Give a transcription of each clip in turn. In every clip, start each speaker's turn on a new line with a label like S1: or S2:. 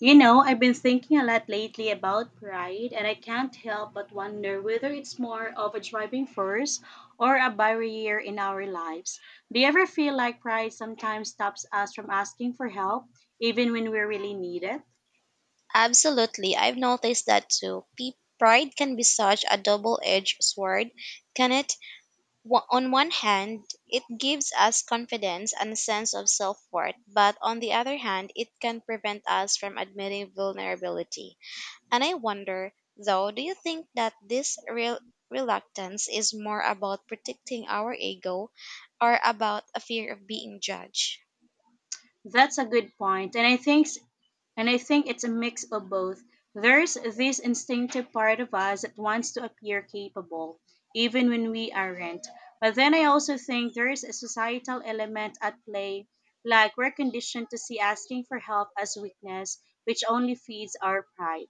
S1: You know, I've been thinking a lot lately about pride, and I can't help but wonder whether it's more of a driving force or a barrier in our lives. Do you ever feel like pride sometimes stops us from asking for help, even when we really need it?
S2: Absolutely, I've noticed that too. Pride can be such a double edged sword, can it? On one hand, it gives us confidence and a sense of self worth, but on the other hand, it can prevent us from admitting vulnerability. And I wonder, though, do you think that this real reluctance is more about protecting our ego or about a fear of being judged?
S1: That's a good point, and I think it's a mix of both. There's this instinctive part of us that wants to appear capable, even when we aren't. But then I also think there is a societal element at play, like we're conditioned to see asking for help as weakness, which only feeds our pride.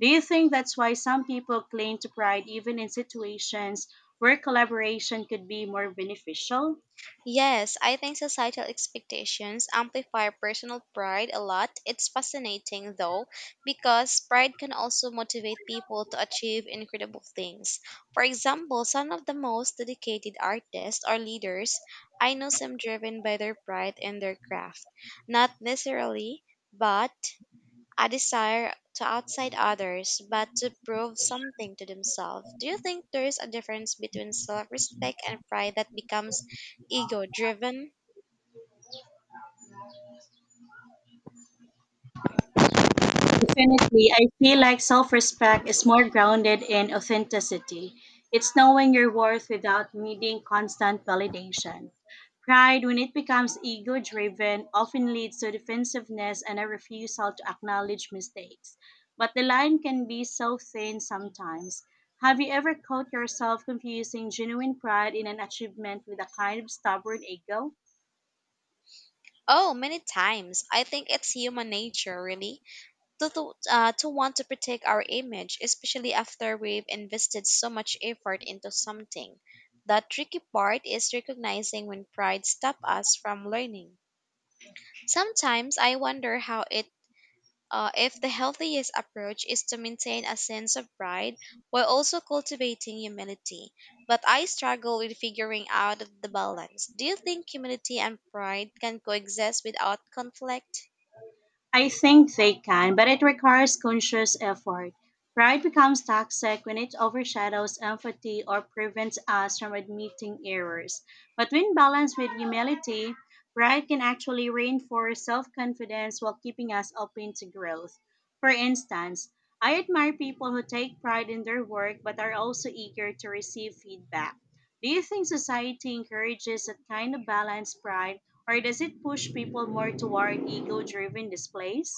S1: Do you think that's why some people cling to pride even in situations where collaboration could be more beneficial?
S2: Yes, I think societal expectations amplify personal pride a lot. It's fascinating though, because pride can also motivate people to achieve incredible things. For example, some of the most dedicated artists or leaders I know seem driven by their pride in their craft, not necessarily, but a desire to outside others but to prove something to themselves. Do you think there is a difference between self respect and pride that becomes ego driven?
S1: Definitely, I feel like self respect is more grounded in authenticity. It's knowing your worth without needing constant validation. Pride, when it becomes ego driven, often leads to defensiveness and a refusal to acknowledge mistakes. But the line can be so thin sometimes. Have you ever caught yourself confusing genuine pride in an achievement with a kind of stubborn ego?
S2: Oh, many times. I think it's human nature, really, to want to protect our image, especially after we've invested so much effort into something. The tricky part is recognizing when pride stops us from learning. Sometimes I wonder how it if the healthiest approach is to maintain a sense of pride while also cultivating humility. But I struggle with figuring out the balance. Do you think humility and pride can coexist without conflict?
S1: I think they can, but it requires conscious effort. Pride becomes toxic when it overshadows empathy or prevents us from admitting errors. But when balanced with humility, pride can actually reinforce self confidence while keeping us open to growth. For instance, I admire people who take pride in their work but are also eager to receive feedback. Do you think society encourages that kind of balanced pride? Or does it push people more toward ego driven displays?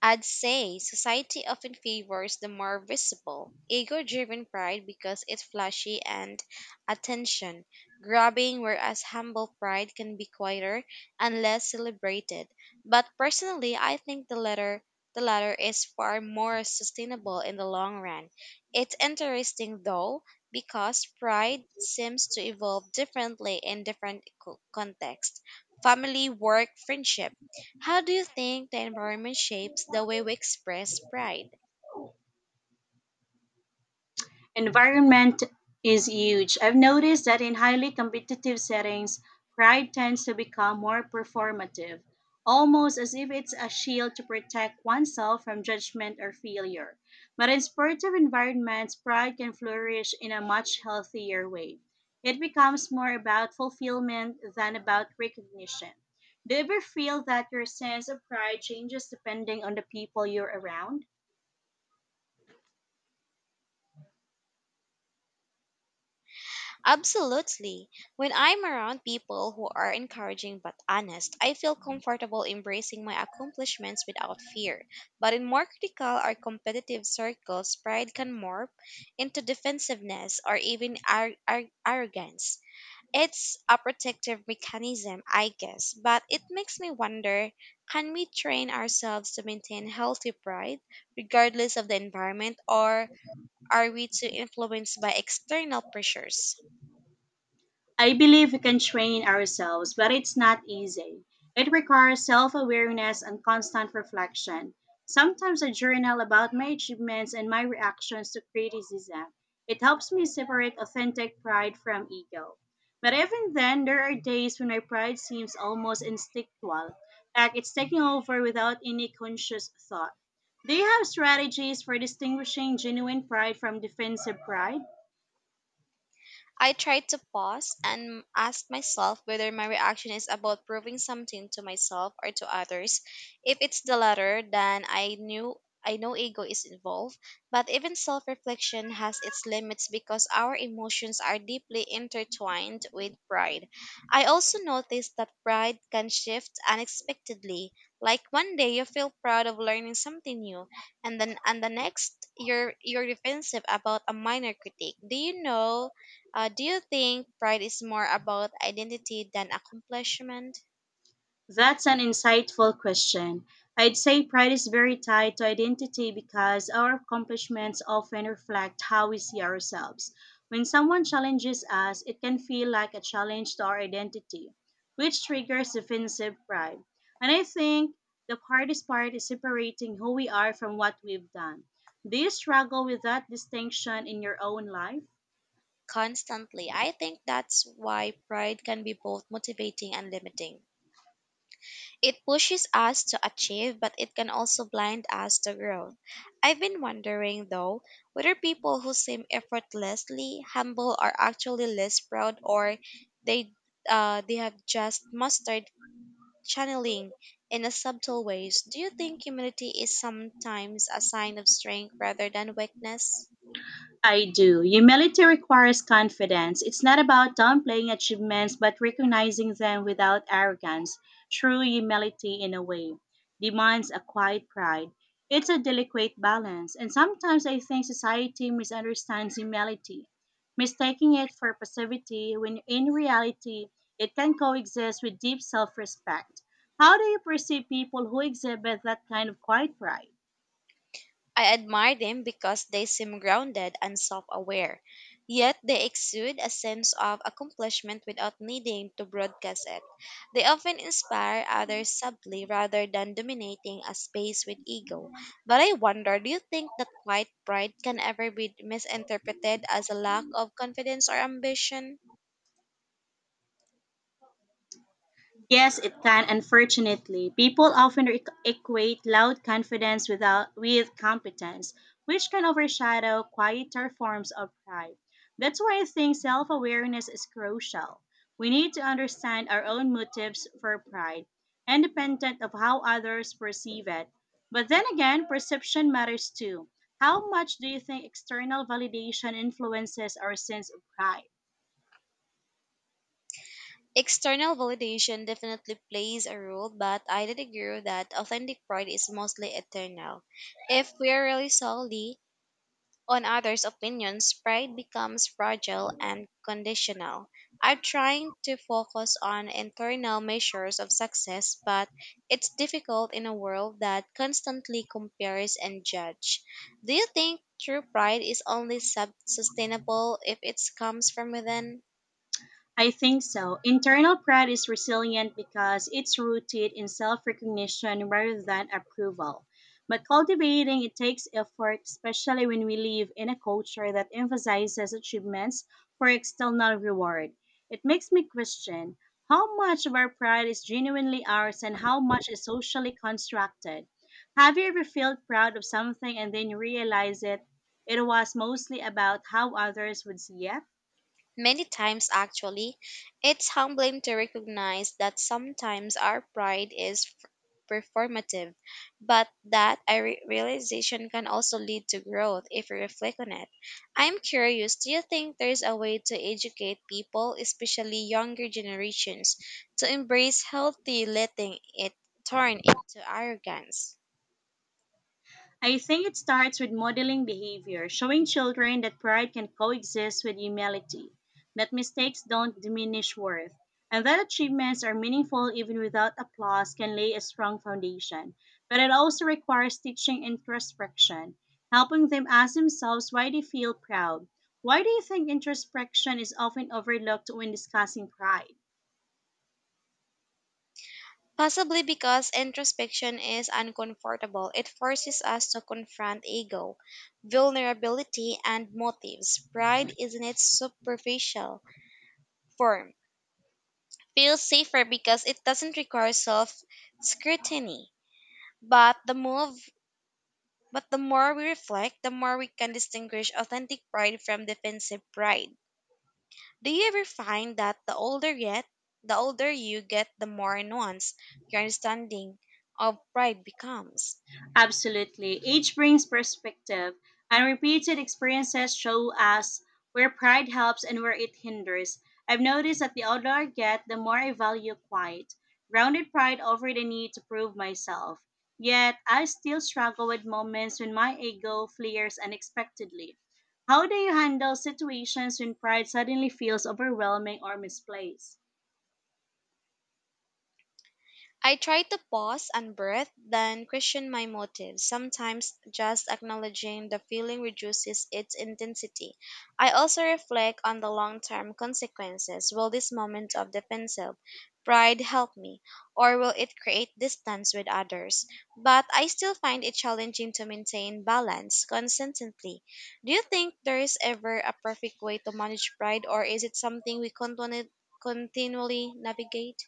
S2: I'd say society often favors the more visible, ego driven pride because it's flashy and attention grabbing, whereas humble pride can be quieter and less celebrated. But personally, I think the latter. The latter is far more sustainable in the long run. It's interesting though, because pride seems to evolve differently in different contexts, family, work, friendship, how do you think the environment shapes the way we express pride?
S1: Environment is huge. I've noticed that in highly competitive settings, pride tends to become more performative, almost as if it's a shield to protect oneself from judgment or failure. But in sportive environments, pride can flourish in a much healthier way. It becomes more about fulfillment than about recognition. Do you ever feel that your sense of pride changes depending on the people you're around?
S2: Absolutely. When I'm around people who are encouraging but honest, I feel comfortable embracing my accomplishments without fear. But in more critical or competitive circles, pride can morph into defensiveness or even arrogance. It's a protective mechanism, I guess, but it makes me wonder, can we train ourselves to maintain healthy pride regardless of the environment, or are we too influenced by external pressures?
S1: I believe we can train ourselves, but it's not easy. It requires self awareness and constant reflection. Sometimes I journal about my achievements and my reactions to criticism. It helps me separate authentic pride from ego. But even then, there are days when my pride seems almost instinctual, like it's taking over without any conscious thought. Do you have strategies for distinguishing genuine pride from defensive pride?
S2: I try to pause and ask myself whether my reaction is about proving something to myself or to others. If it's the latter, then I know ego is involved, but even self-reflection has its limits because our emotions are deeply intertwined with pride. I also noticed that pride can shift unexpectedly. Like one day you feel proud of learning something new, and then and the next you're defensive about a minor critique. Do you think pride is more about identity than accomplishment?
S1: That's an insightful question. I'd say pride is very tied to identity because our accomplishments often reflect how we see ourselves. When someone challenges us, it can feel like a challenge to our identity, which triggers defensive pride. And I think the hardest part is separating who we are from what we've done. Do you struggle with that distinction in your own life?
S2: Constantly. I think that's why pride can be both motivating and limiting. It pushes us to achieve, but it can also blind us to growth. I've been wondering, though, whether people who seem effortlessly humble are actually less proud or they, they have just mastered channeling in a subtle ways. Do you think humility is sometimes a sign of strength rather than weakness?
S1: I do. Humility requires confidence. It's not about downplaying achievements, but recognizing them without arrogance. True humility, in a way, demands a quiet pride. It's a delicate balance, and sometimes I think society misunderstands humility, mistaking it for passivity when in reality it can coexist with deep self respect. How do you perceive people who exhibit that kind of quiet pride?
S2: I admire them because they seem grounded and self aware, yet they exude a sense of accomplishment without needing to broadcast it. They often inspire others subtly rather than dominating a space with ego. But I wonder, do you think that quiet pride can ever be misinterpreted as a lack of confidence or ambition?
S1: Yes, it can. Unfortunately, people often equate loud confidence without with competence, which can overshadow quieter forms of pride. That's why I think self-awareness is crucial. We need to understand our own motives for pride, independent of how others perceive it. But then again, perception matters too. How much do you think external validation influences our sense of pride?
S2: External validation definitely plays a role, but I did agree that authentic pride is mostly eternal. If we are really solely on others' opinions, pride becomes fragile and conditional. I'm trying to focus on internal measures of success, but it's difficult in a world that constantly compares and judge. Do you think true pride is only sustainable if it comes from within?
S1: I think so. Internal pride is resilient because it's rooted in self recognition rather than approval. But cultivating it takes effort, especially when we live in a culture that emphasizes achievements for external reward. It makes me question how much of our pride is genuinely ours and how much is socially constructed. Have you ever felt proud of something and then you realize it? It was mostly about how others would see it?
S2: Many times, actually, it's humbling to recognize that sometimes our pride is performative, but that a realization can also lead to growth if we reflect on it. I'm curious, do you think there's a way to educate people, especially younger generations, to embrace healthy letting it turn into arrogance?
S1: I think it starts with modeling behavior, showing children that pride can coexist with humility, that mistakes don't diminish worth, and that achievements are meaningful even without applause can lay a strong foundation. But it also requires teaching introspection, helping them ask themselves why they feel proud. Why do you think introspection is often overlooked when discussing pride?
S2: Possibly because introspection is uncomfortable, it forces us to confront ego, vulnerability, and motives. Pride is in its superficial form. Feels safer because it doesn't require self scrutiny. But the move but the more we reflect, the more we can distinguish authentic pride from defensive pride. Do you ever find that the older you get, the more nuanced your understanding of pride becomes?
S1: Absolutely. Age brings perspective, and repeated experiences show us where pride helps and where it hinders. I've noticed that the older I get, the more I value quiet, grounded pride over the need to prove myself. Yet, I still struggle with moments when my ego flares unexpectedly. How do you handle situations when pride suddenly feels overwhelming or misplaced?
S2: I try to pause and breathe, then question my motives. Sometimes just acknowledging the feeling reduces its intensity. I also reflect on the long term consequences. Will this moment of defensive pride help me, or will it create distance with others? But I still find it challenging to maintain balance consistently. Do you think there is ever a perfect way to manage pride, or is it something we continually navigate?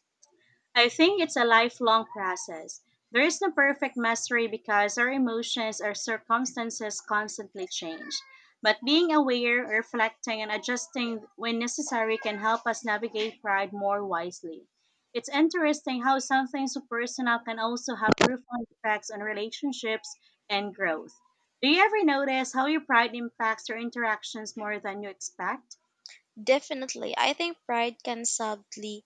S1: I think it's a lifelong process. There is no perfect mastery because our emotions or circumstances constantly change. But being aware, reflecting, and adjusting when necessary can help us navigate pride more wisely. It's interesting how something so personal can also have profound effects on relationships and growth. Do you ever notice how your pride impacts your interactions more than you expect?
S2: Definitely, I think pride can subtly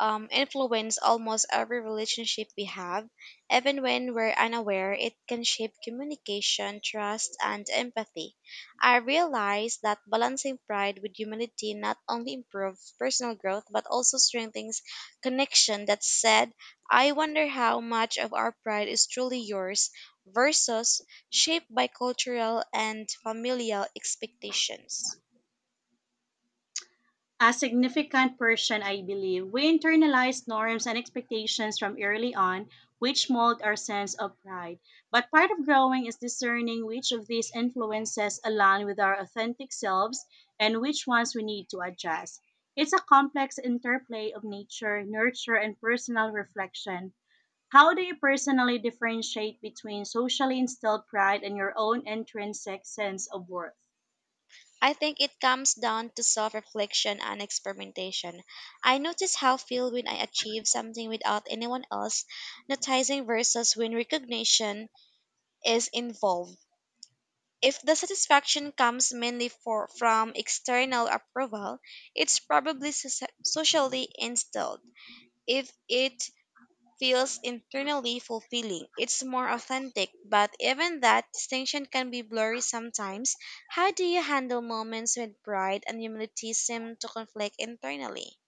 S2: influence almost every relationship we have. Even when we're unaware, it can shape communication, trust, and empathy. I realize that balancing pride with humility not only improves personal growth but also strengthens connection. That said, I wonder how much of our pride is truly yours versus shaped by cultural and familial expectations.
S1: A significant portion, I believe, we internalize norms and expectations from early on, which mold our sense of pride. But part of growing is discerning which of these influences align with our authentic selves and which ones we need to adjust. It's a complex interplay of nature, nurture, and personal reflection. How do you personally differentiate between socially instilled pride and your own intrinsic sense of worth?
S2: I think it comes down to self reflection and experimentation. I notice how I feel when I achieve something without anyone else noticing versus when recognition is involved. If the satisfaction comes mainly from external approval, it's probably socially instilled. If it feels internally fulfilling. It's more authentic, but even that distinction can be blurry sometimes. How do you handle moments when pride and humility seem to conflict internally?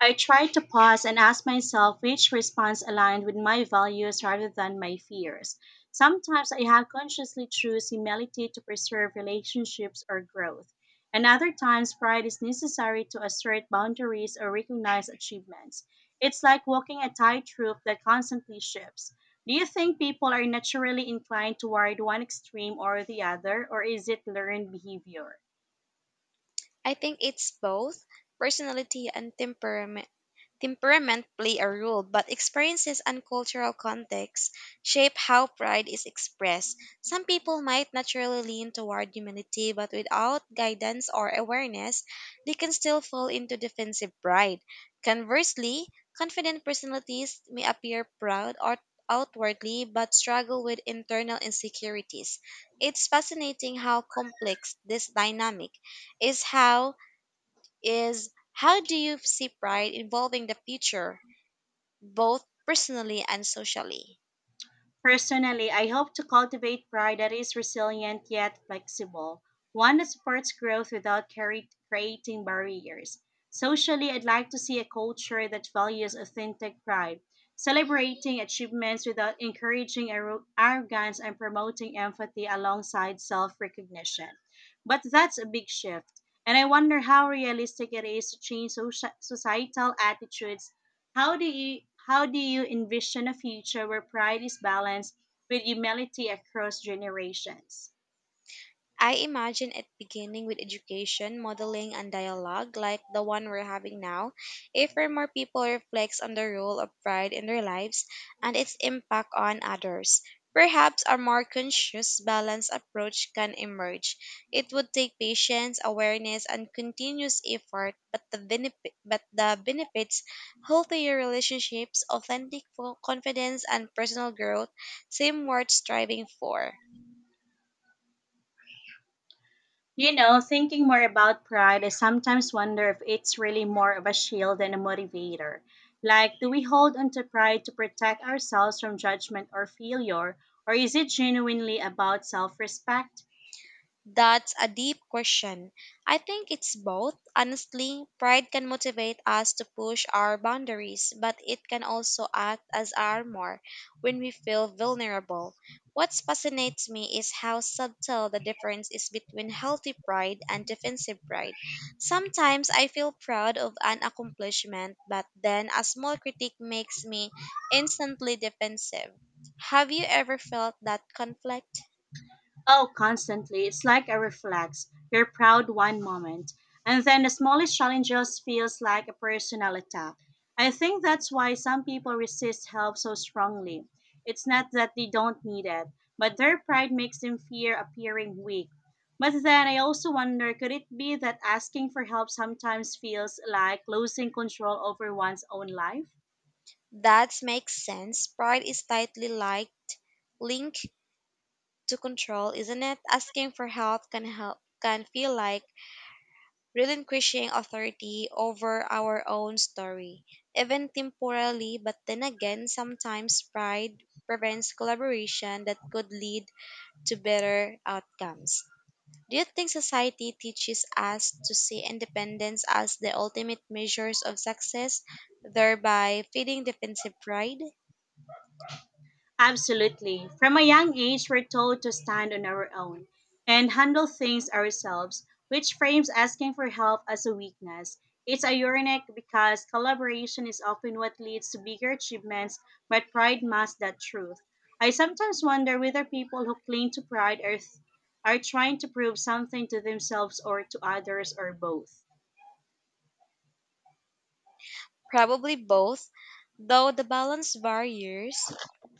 S1: I tried to pause and ask myself which response aligned with my values rather than my fears. Sometimes I have consciously choose humility to preserve relationships or growth, and other times pride is necessary to assert boundaries or recognize achievements. It's like walking a tightrope that constantly shifts. Do you think people are naturally inclined toward one extreme or the other, or is it learned behavior?
S2: I think it's both, personality and temperament play a role, but experiences and cultural context shape how pride is expressed. Some people might naturally lean toward humility, but without guidance or awareness, they can still fall into defensive pride. Conversely, confident personalities may appear proud or outwardly but struggle with internal insecurities. It's fascinating how complex this dynamic is how is, how do you see pride involving the future, both personally and socially?
S1: Personally, I hope to cultivate pride that is resilient yet flexible, one that supports growth without creating barriers. Socially, I'd like to see a culture that values authentic pride, celebrating achievements without encouraging arrogance and promoting empathy alongside self recognition. But that's a big shift, and I wonder how realistic it is to change societal attitudes. How do you how do you envision a future where pride is balanced with humility across generations?
S2: I imagine it beginning with education, modeling, and dialogue like the one we're having now. If or more people reflects on the role of pride in their lives and its impact on others, perhaps a more conscious, balanced approach can emerge. It would take patience, awareness, and continuous effort, but the benefits, healthier relationships, authentic confidence, and personal growth seem worth striving for.
S1: You know, thinking more about pride, I sometimes wonder if it's really more of a shield than a motivator. Like, do we hold onto pride to protect ourselves from judgment or failure, or is it genuinely about self respect?
S2: That's a deep question. I think it's both. Honestly, pride can motivate us to push our boundaries, but it can also act as armor when we feel vulnerable. What fascinates me is how subtle the difference is between healthy pride and defensive pride. Sometimes I feel proud of an accomplishment, but then a small critique makes me instantly defensive. Have you ever felt that conflict?
S1: Oh, constantly. It's like a reflex. You're proud one moment, and then the smallest challenge just feels like a personal attack. I think that's why some people resist help so strongly. It's not that they don't need it, but their pride makes them fear appearing weak. But then I also wonder, could it be that asking for help sometimes feels like losing control over one's own life?
S2: That makes sense. Pride is tightly liked, linked to control, isn't it? Asking for help can feel like relinquishing authority over our own story, even temporarily, but then again sometimes pride prevents collaboration that could lead to better outcomes. Do you think society teaches us to see independence as the ultimate measures of success, thereby feeding defensive pride?
S1: Absolutely. From a young age, we're told to stand on our own and handle things ourselves, which frames asking for help as a weakness. It's ironic because collaboration is often what leads to bigger achievements, but pride masks that truth. I sometimes wonder whether people who cling to pride are trying to prove something to themselves or to others or both.
S2: Probably both, though the balance varies.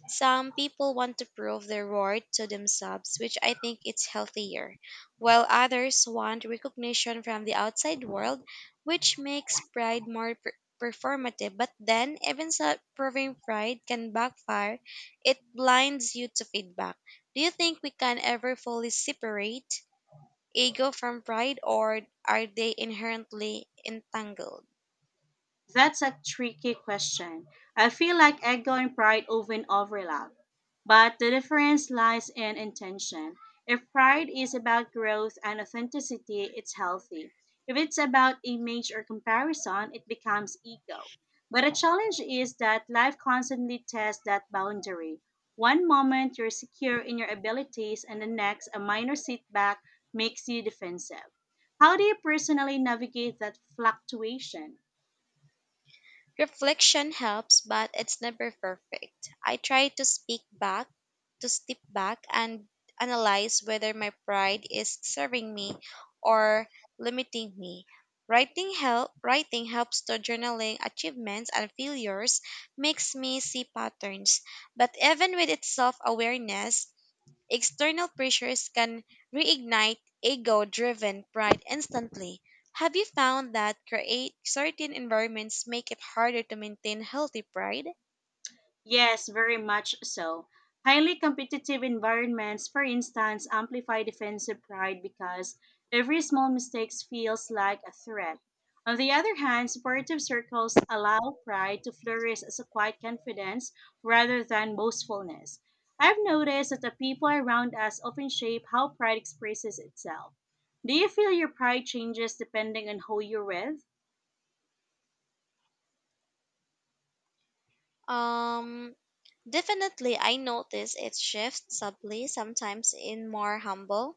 S2: Some people want to prove their worth to themselves, which I think it's healthier, while others want recognition from the outside world, which makes pride more performative. But then, even so, proving pride can backfire. It blinds you to feedback. Do you think we can ever fully separate ego from pride, or are they inherently entangled?
S1: That's a tricky question. I feel like ego and pride often overlap, but the difference lies in intention. If pride is about growth and authenticity, it's healthy. If it's about image or comparison, it becomes ego. But the challenge is that life constantly tests that boundary. One moment you're secure in your abilities, and the next, a minor setback makes you defensive. How do you personally navigate that fluctuation?
S2: Reflection helps, but it's never perfect. I try to step back and analyze whether my pride is serving me or limiting me. Writing helps to journaling achievements and failures makes me see patterns. But even with its self awareness, external pressures can reignite ego driven pride instantly. Have you found that create certain environments make it harder to maintain healthy pride?
S1: Yes, very much so. Highly competitive environments, for instance, amplify defensive pride because every small mistake feels like a threat. On the other hand, supportive circles allow pride to flourish as a quiet confidence rather than boastfulness. I've noticed that the people around us often shape how pride expresses itself. Do you feel your pride changes depending on who you're with?
S2: Um, Definitely, I notice it shifts subtly, sometimes in more humble,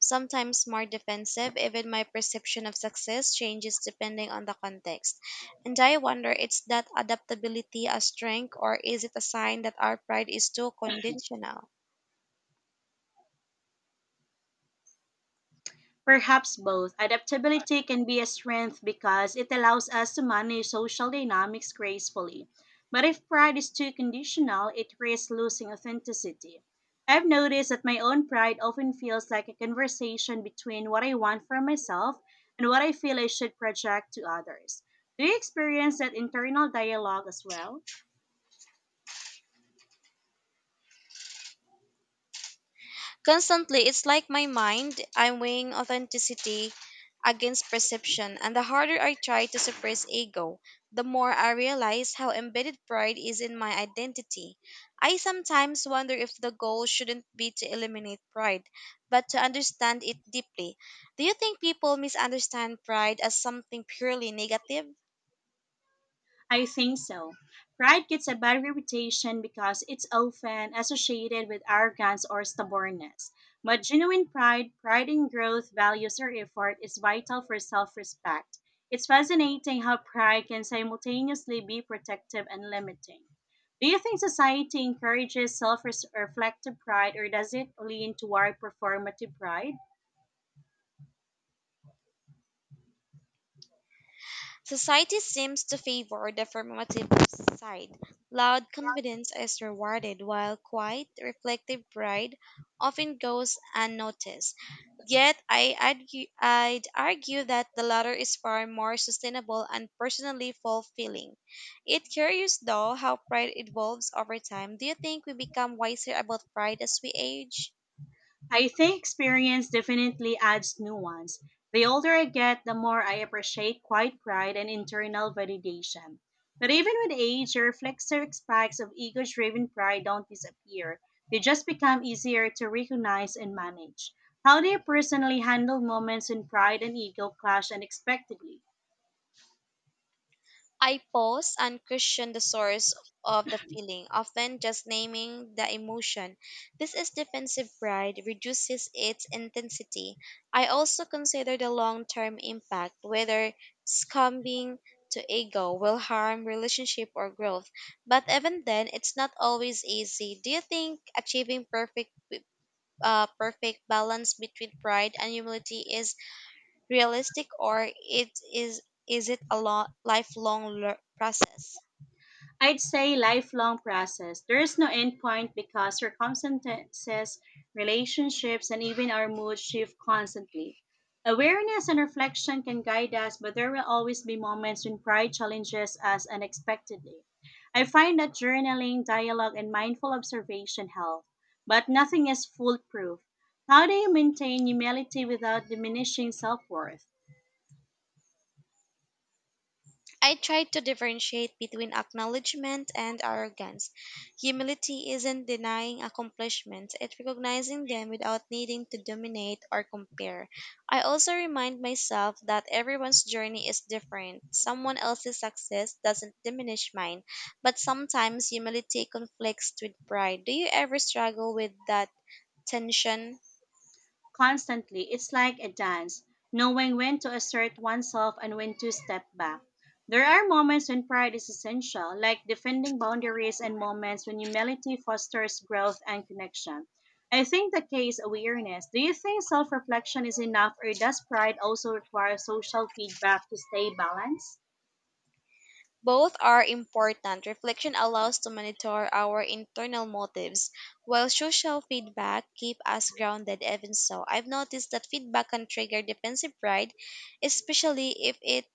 S2: sometimes more defensive. Even my perception of success changes depending on the context. And I wonder, is that adaptability a strength, or is it a sign that our pride is too conditional?
S1: Perhaps both. Adaptability can be a strength because it allows us to manage social dynamics gracefully. But if pride is too conditional, it risks losing authenticity. I've noticed that my own pride often feels like a conversation between what I want for myself and what I feel I should project to others. Do you experience that internal dialogue as well?
S2: Constantly. It's like my mind, I'm weighing authenticity against perception, and the harder I try to suppress ego, the more I realize how embedded pride is in my identity. I sometimes wonder if the goal shouldn't be to eliminate pride, but to understand it deeply. Do you think people misunderstand pride as something purely negative?
S1: I think so. Pride gets a bad reputation because it's often associated with arrogance or stubbornness. But genuine pride, pride in growth, values, or effort is vital for self respect. It's fascinating how pride can simultaneously be protective and limiting. Do you think society encourages self reflective pride, or does it lean toward performative pride?
S2: Society seems to favor the affirmative side. Loud confidence is rewarded, while quiet, reflective pride often goes unnoticed. Yet, I'd argue that the latter is far more sustainable and personally fulfilling. It's curious, though, how pride evolves over time. Do you think we become wiser about pride as we age?
S1: I think experience definitely adds nuance. The older I get, the more I appreciate quiet pride and internal validation. But even with age, the reflexive spikes of ego driven pride don't disappear. They just become easier to recognize and manage. How do you personally handle moments when pride and ego clash unexpectedly?
S2: I pause and question the source of the feeling, often just naming the emotion. This is defensive pride, reduces its intensity. I also consider the long term impact, whether succumbing to ego will harm relationship or growth. But even then, it's not always easy. Do you think achieving perfect perfect balance between pride and humility is realistic, or it is it a lo- lifelong process?
S1: I'd say lifelong process. There is no end point because circumstances, relationships, and even our mood shift constantly. Awareness and reflection can guide us, but there will always be moments when pride challenges us unexpectedly. I find that journaling, dialogue, and mindful observation help, but nothing is foolproof. How do you maintain humility without diminishing self worth?
S2: I try to differentiate between acknowledgement and arrogance. Humility isn't denying accomplishments, it's recognizing them without needing to dominate or compare. I also remind myself that everyone's journey is different. Someone else's success doesn't diminish mine, but sometimes humility conflicts with pride. Do you ever struggle with that tension?
S1: Constantly. It's like a dance, knowing when to assert oneself and when to step back. There are moments when pride is essential, like defending boundaries and moments when humility fosters growth and connection. I think the key is awareness. Do you think self reflection is enough, or does pride also require social feedback to stay balanced?
S2: Both are important. Reflection allows to monitor our internal motives, while social feedback keep us grounded even so. I've noticed that feedback can trigger defensive pride, especially if it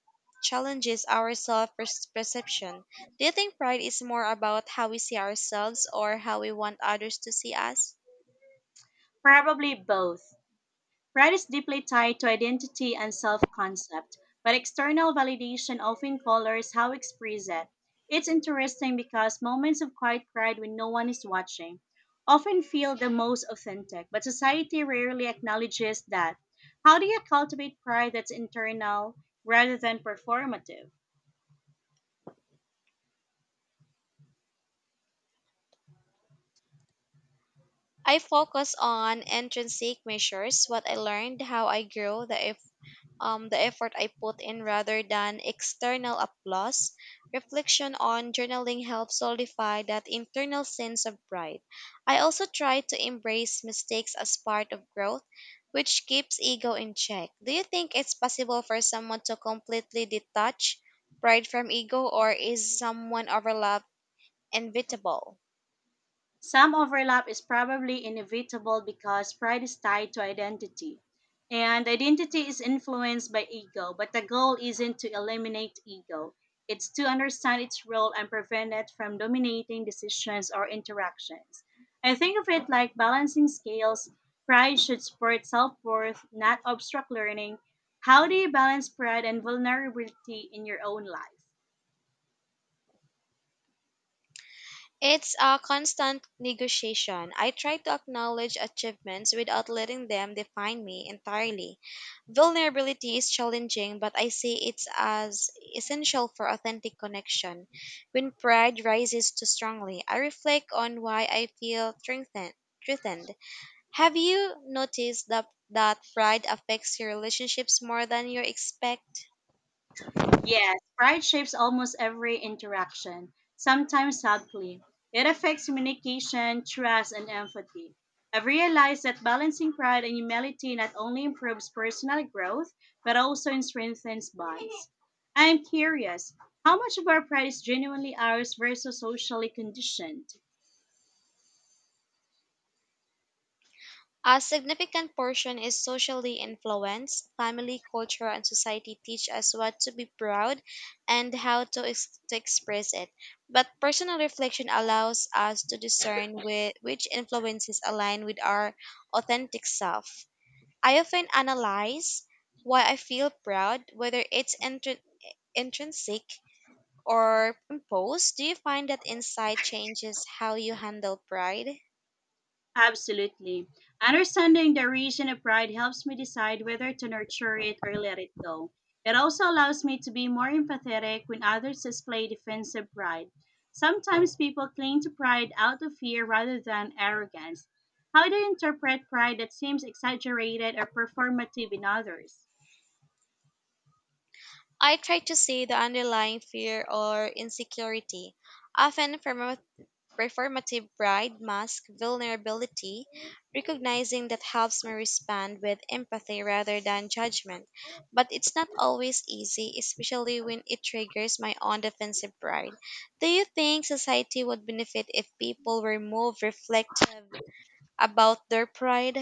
S2: challenges our self-perception. Do you think pride is more about how we see ourselves or how we want others to see us?
S1: Probably both. Pride is deeply tied to identity and self concept, but external validation often colors how we express it. It's interesting because moments of quiet pride when no one is watching often feel the most authentic, but society rarely acknowledges that. How do you cultivate pride that's internal rather than performative?
S2: I focus on intrinsic measures, what I learned, how I grew, the effort I put in rather than external applause. Reflection on journaling helps solidify that internal sense of pride. I also try to embrace mistakes as part of growth, which keeps ego in check. Do you think it's possible for someone to completely detach pride from ego, or is someone overlap inevitable?
S1: Some overlap is probably inevitable because pride is tied to identity. And identity is influenced by ego, but the goal isn't to eliminate ego. It's to understand its role and prevent it from dominating decisions or interactions. I think of it like balancing scales. Pride should support self worth, not obstruct learning. How do you balance pride and vulnerability in your own life?
S2: It's a constant negotiation. I try to acknowledge achievements without letting them define me entirely. Vulnerability is challenging, but I see it as essential for authentic connection. When pride rises too strongly, I reflect on why I feel strengthened. Threatened. Have you noticed that pride affects your relationships more than you expect?
S1: Yes, pride shapes almost every interaction, sometimes subtly. It affects communication, trust, and empathy. I've realized that balancing pride and humility not only improves personal growth, but also strengthens bonds. I am curious, how much of our pride is genuinely ours versus socially conditioned?
S2: A significant portion is socially influenced. Family, culture, and society teach us what to be proud and how to, to express it. But personal reflection allows us to discern which influences align with our authentic self. I often analyze why I feel proud, whether it's intrinsic or imposed. Do you find that insight changes how you handle pride?
S1: Absolutely. Understanding the origin of pride helps me decide whether to nurture it or let it go. It also allows me to be more empathetic when others display defensive pride. Sometimes people cling to pride out of fear rather than arrogance. How do you interpret pride that seems exaggerated or performative in others?
S2: I try to see the underlying fear or insecurity, often from a performative pride mask vulnerability. Recognizing that helps me respond with empathy rather than judgment, but it's not always easy, especially when it triggers my own defensive pride. Do you think society would benefit if people were more reflective about their pride?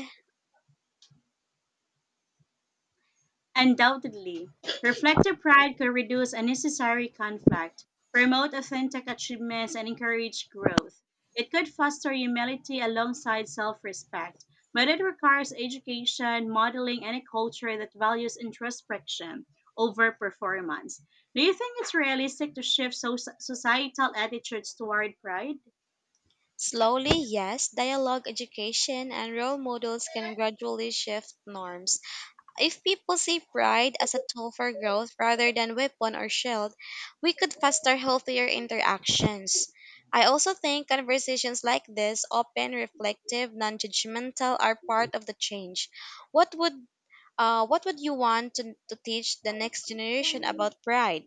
S1: Undoubtedly, reflective pride could reduce unnecessary conflict, promote authentic achievements, and encourage growth. It could foster humility alongside self respect, but it requires education, modeling, and a culture that values introspection over performance. Do you think it's realistic to shift societal attitudes toward pride?
S2: Slowly, yes, dialogue, education, and role models can gradually shift norms. If people see pride as a tool for growth rather than weapon or shield, we could foster healthier interactions. I also think conversations like this, open, reflective, non-judgmental, are part of the change. What would what would you want to teach the next generation about pride?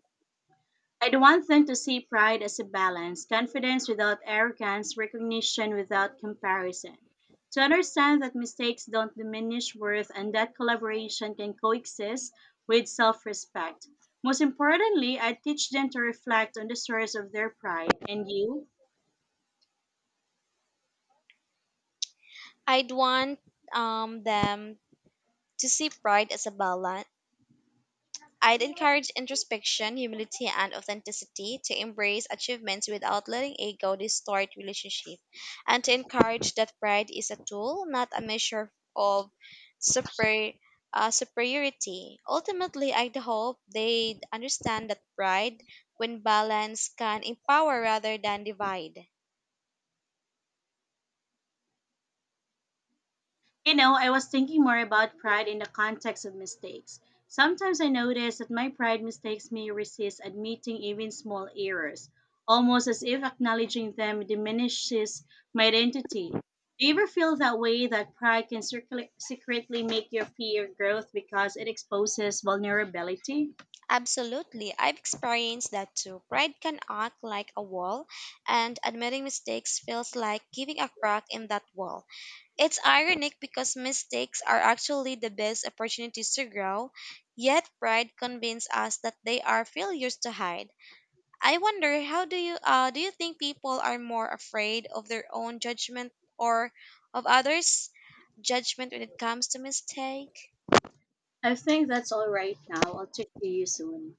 S1: I'd want them to see pride as a balance, confidence without arrogance, recognition without comparison. To understand that mistakes don't diminish worth and that collaboration can coexist with self respect. Most importantly, I teach them to reflect on the source of their pride. And you?
S2: I'd want them to see pride as a balance. I'd encourage introspection, humility, and authenticity to embrace achievements without letting ego distort relationship, and to encourage that pride is a tool, not a measure of super, superiority. Ultimately, I hope they understand that pride, when balanced, can empower rather than divide.
S1: You know, I was thinking more about pride in the context of mistakes. Sometimes I notice that my pride mistakes me resist admitting even small errors, almost as if acknowledging them diminishes my identity. Do you ever feel that way that pride can secretly make you fear growth because it exposes vulnerability?
S2: Absolutely. I've experienced that too. Pride can act like a wall, and admitting mistakes feels like giving a crack in that wall. It's ironic because mistakes are actually the best opportunities to grow, yet pride convinces us that they are failures to hide. I wonder, how do you think people are more afraid of their own judgment or of others' judgment when it comes to mistake?
S1: I think that's all right now. I'll talk to you soon.